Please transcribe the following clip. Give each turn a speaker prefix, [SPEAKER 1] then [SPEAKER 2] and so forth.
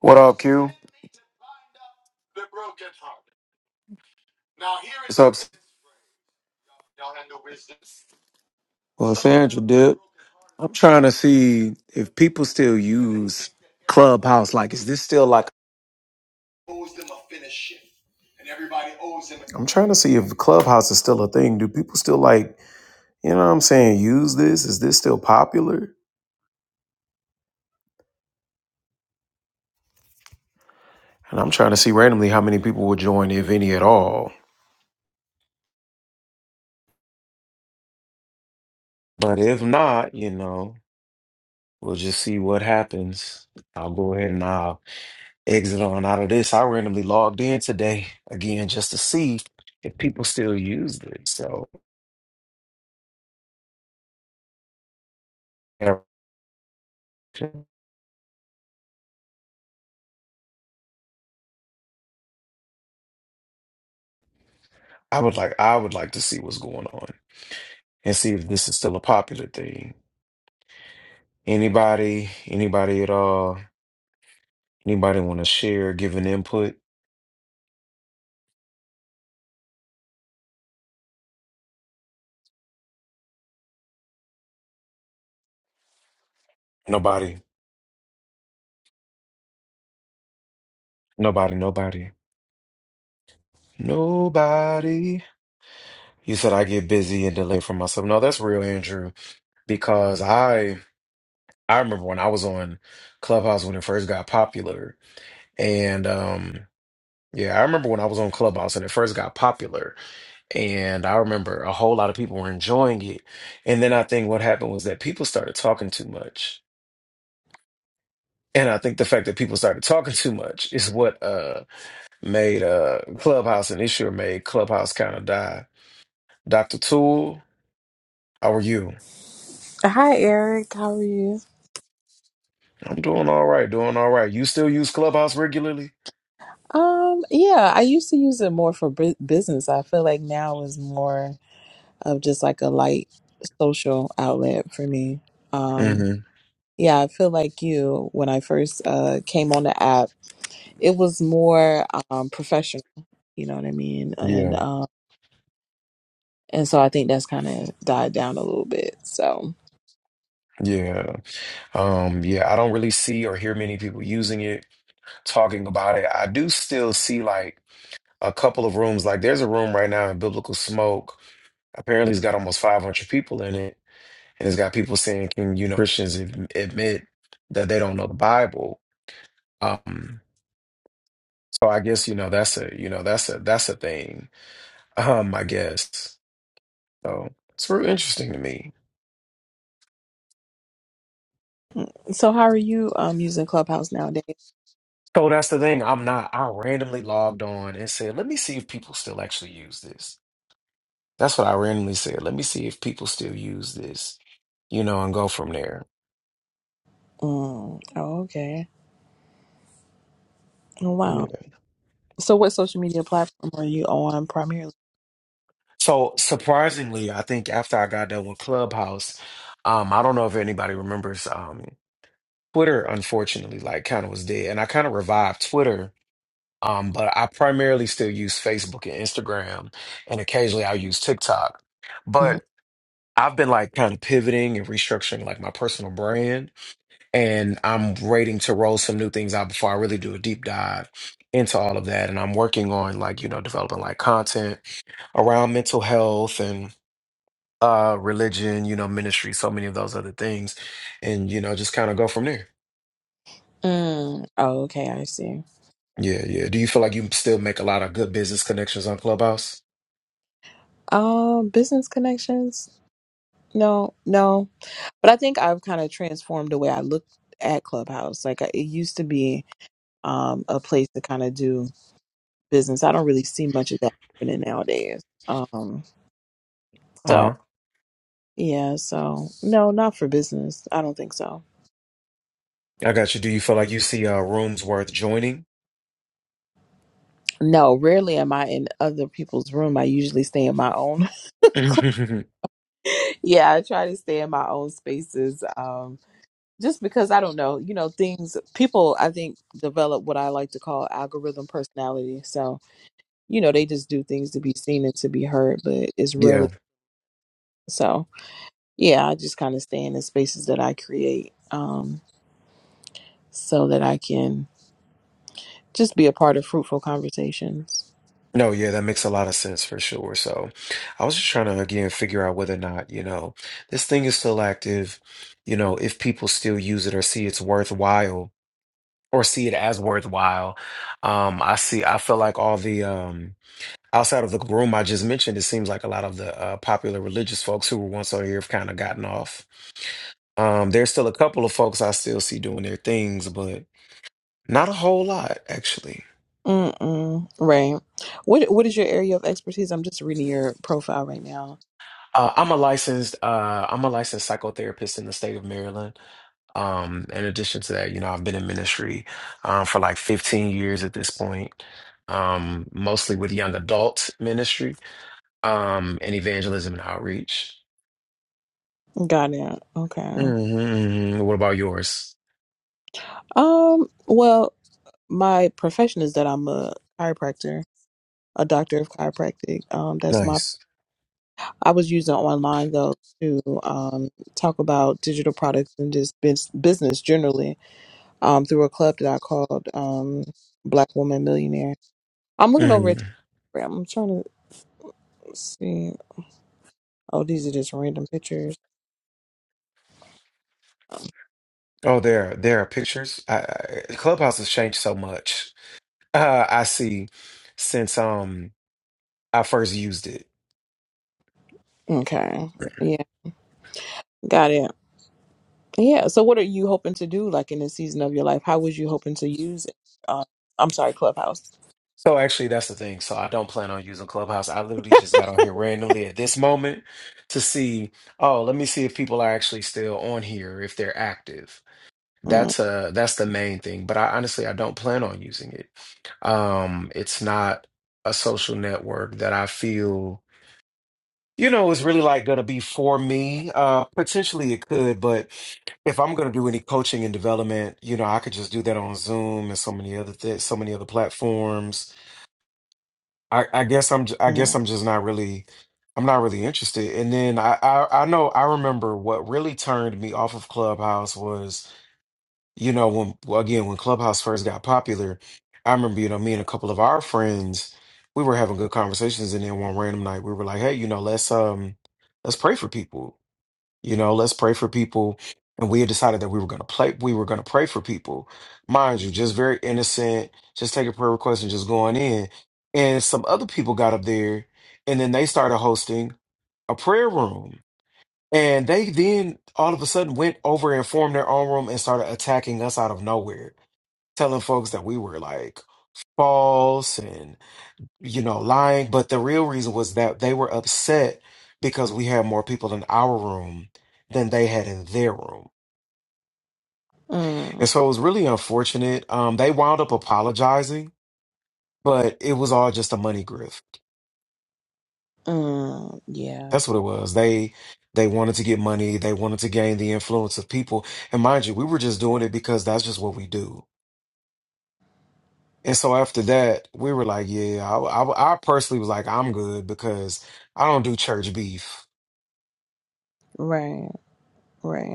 [SPEAKER 1] What up, Q? What's up? Well, Sandra, dip. I'm trying to see if people still use Clubhouse. Like, is this still like? I'm trying to see if Clubhouse is still a thing. Do people still like, you know what I'm saying, use this? Is this still popular? And I'm trying to see randomly how many people will join, if any at all. But if not, you know, we'll just see what happens. I'll go ahead and I'll Exit on out of this. I randomly logged in today again just to see if people still use it. So yeah, I would like I would like to see what's going on and see if this is still a popular thing. Anybody, anybody at all, anybody want to share, give an input? Nobody, nobody, nobody, nobody. You said I get busy and delay from myself. No, that's real, Andrew, because I I remember when I was on Clubhouse when it first got popular and um Yeah, I remember when I was on Clubhouse and it first got popular, and I remember a whole lot of people were enjoying it. And then I think what happened was that people started talking too much. And I think the fact that people started talking too much is what uh made uh Clubhouse an issue or made Clubhouse kind of die. Dr. Tool, how are you?
[SPEAKER 2] Hi, Eric. How are you?
[SPEAKER 1] I'm doing all right, doing all right. You still use Clubhouse regularly?
[SPEAKER 2] Um, yeah, I used to use it more for bu- business. I feel like now is more of just like a light social outlet for me. Um,
[SPEAKER 1] hmm
[SPEAKER 2] yeah, I feel like you when I first uh came on the app, it was more um professional, you know what I mean? And
[SPEAKER 1] Yeah.
[SPEAKER 2] um and so I think that's kind of died down a little bit. So,
[SPEAKER 1] Yeah. Um, yeah, I don't really see or hear many people using it, talking about it. I do still see like a couple of rooms. Like there's a room right now in Biblical Smoke. Apparently, it's got almost 500 people in it, and it's got people saying, "Can you know Christians ad- admit that they don't know the Bible?" Um, so I guess you know that's a you know that's a that's a thing. Um, I guess so. It's real interesting to me.
[SPEAKER 2] so how are you um using Clubhouse nowadays?
[SPEAKER 1] So that's the thing. I'm not. I randomly logged on and said, "Let me see if people still actually use this." That's what I randomly said. Let me see if people still use this, you know, and go from there.
[SPEAKER 2] Mm, oh, okay. Oh,
[SPEAKER 1] Yeah.
[SPEAKER 2] wow. So what social media platform are you on primarily?
[SPEAKER 1] So surprisingly, I think after I got done with Clubhouse, um, I don't know if anybody remembers um, Twitter, unfortunately, like kind of was dead. And I kind of revived Twitter, um, but I primarily still use Facebook and Instagram, and occasionally i use TikTok.
[SPEAKER 2] Mm.
[SPEAKER 1] But I've been like kind of pivoting and restructuring like my personal brand, and I'm waiting to roll some new things out before I really do a deep dive into all of that. And I'm working on like, you know, developing like content around mental health and uh religion you know ministry so many of those other things and you know just kind of go from there
[SPEAKER 2] Mm. Oh, okay, I see.
[SPEAKER 1] yeah yeah do you feel like you still make a lot of good business connections on clubhouse
[SPEAKER 2] Um, business connections? No, no. But I think I've kind of transformed the way I look at Clubhouse. Like I- it used to be um, a place to kind of do business. I don't really see much of that happening nowadays. Um, so
[SPEAKER 1] uh-huh
[SPEAKER 2] yeah, so no, not for business. I don't think so.
[SPEAKER 1] i got you do you feel like you see uh rooms worth joining
[SPEAKER 2] No, rarely am I in other people's room. I usually stay in my own.
[SPEAKER 1] yeah
[SPEAKER 2] yeah, I try to stay in my own spaces. Um, just because I don't know, you know, things people I think develop what I like to call algorithm personality. So, you know, they just do things to be seen and to be heard, but it's rarely so. yeah, I just kind of stay in the spaces that I create um, so that I can just be a part of fruitful conversations.
[SPEAKER 1] no yeah that makes a lot of sense for sure so i was just trying to again figure out whether or not you know this thing is still active you know if people still use it or see it's worthwhile or see it as worthwhile um i see i feel like all the um outside of the room I just mentioned, it seems like a lot of the uh, popular religious folks who were once on here have kind of gotten off. Um, there's still a couple of folks I still see doing their things, but not a whole lot actually.
[SPEAKER 2] Mm-mm. Right. What What is your area of expertise? I'm just reading your profile right now.
[SPEAKER 1] Uh, I'm a licensed uh, I'm a licensed psychotherapist in the state of Maryland. Um, in addition to that, you know, I've been in ministry um, for like 15 years at this point, um, mostly with young adult ministry um, and evangelism and outreach.
[SPEAKER 2] Got it. Okay.
[SPEAKER 1] hmm What about yours?
[SPEAKER 2] Um. Well, my profession is that I'm a chiropractor, a doctor of chiropractic. Um. That's my.
[SPEAKER 1] Nice.
[SPEAKER 2] I was using online though to um talk about digital products and just bus- business generally um, through a club that I called um, Black Woman Millionaire. I'm looking over at Instagram. I'm trying to see. Oh, these are just random pictures. Um,
[SPEAKER 1] Oh, there, there are pictures. I, I, Clubhouse has changed so much. Uh, I see since um I first used it.
[SPEAKER 2] Okay. Yeah, got it. Yeah. So, what are you hoping to do, like in this season of your life? How was you hoping to use? Uh, I'm sorry, Clubhouse.
[SPEAKER 1] So actually, that's the thing. So I don't plan on using Clubhouse. I literally just got on here randomly at this moment to see. Oh, let me see if people are actually still on here, if they're active.
[SPEAKER 2] Mm,
[SPEAKER 1] That's uh that's the main thing. But I honestly, I don't plan on using it. Um, it's not a social network that I feel. You know, it's really like going to be for me. Uh, potentially it could, but if I'm going to do any coaching and development, you know, I could just do that on Zoom and so many other things, so many other platforms. I, I guess I'm, j- I
[SPEAKER 2] mm,
[SPEAKER 1] guess I'm just not really, I'm not really interested. And then I, I, I know I remember what really turned me off of Clubhouse was. You know, when well, again, when Clubhouse first got popular, I remember, you know, me and a couple of our friends, we were having good conversations, and then one random night we were like, hey, you know, let's um let's pray for people. You know, let's pray for people. And we had decided that we were gonna play, we were gonna pray for people. Mind you, just very innocent, just take a prayer request and just going in. And some other people got up there and then they started hosting a prayer room. And they then all of a sudden went over and formed their own room and started attacking us out of nowhere, telling folks that we were like false and, you know, lying. But the real reason was that they were upset because we had more people in our room than they had in their room. And
[SPEAKER 2] mm,
[SPEAKER 1] so it was really unfortunate. Um, they wound up apologizing, but it was all just a money grift.
[SPEAKER 2] mm. Yeah.
[SPEAKER 1] That's what it was. They they wanted to get money, they wanted to gain the influence of people. And mind you, we were just doing it because that's just what we do And so after that, we were like, yeah, I, I, I personally was like, I'm good because I don't do church beef.
[SPEAKER 2] Right. Right.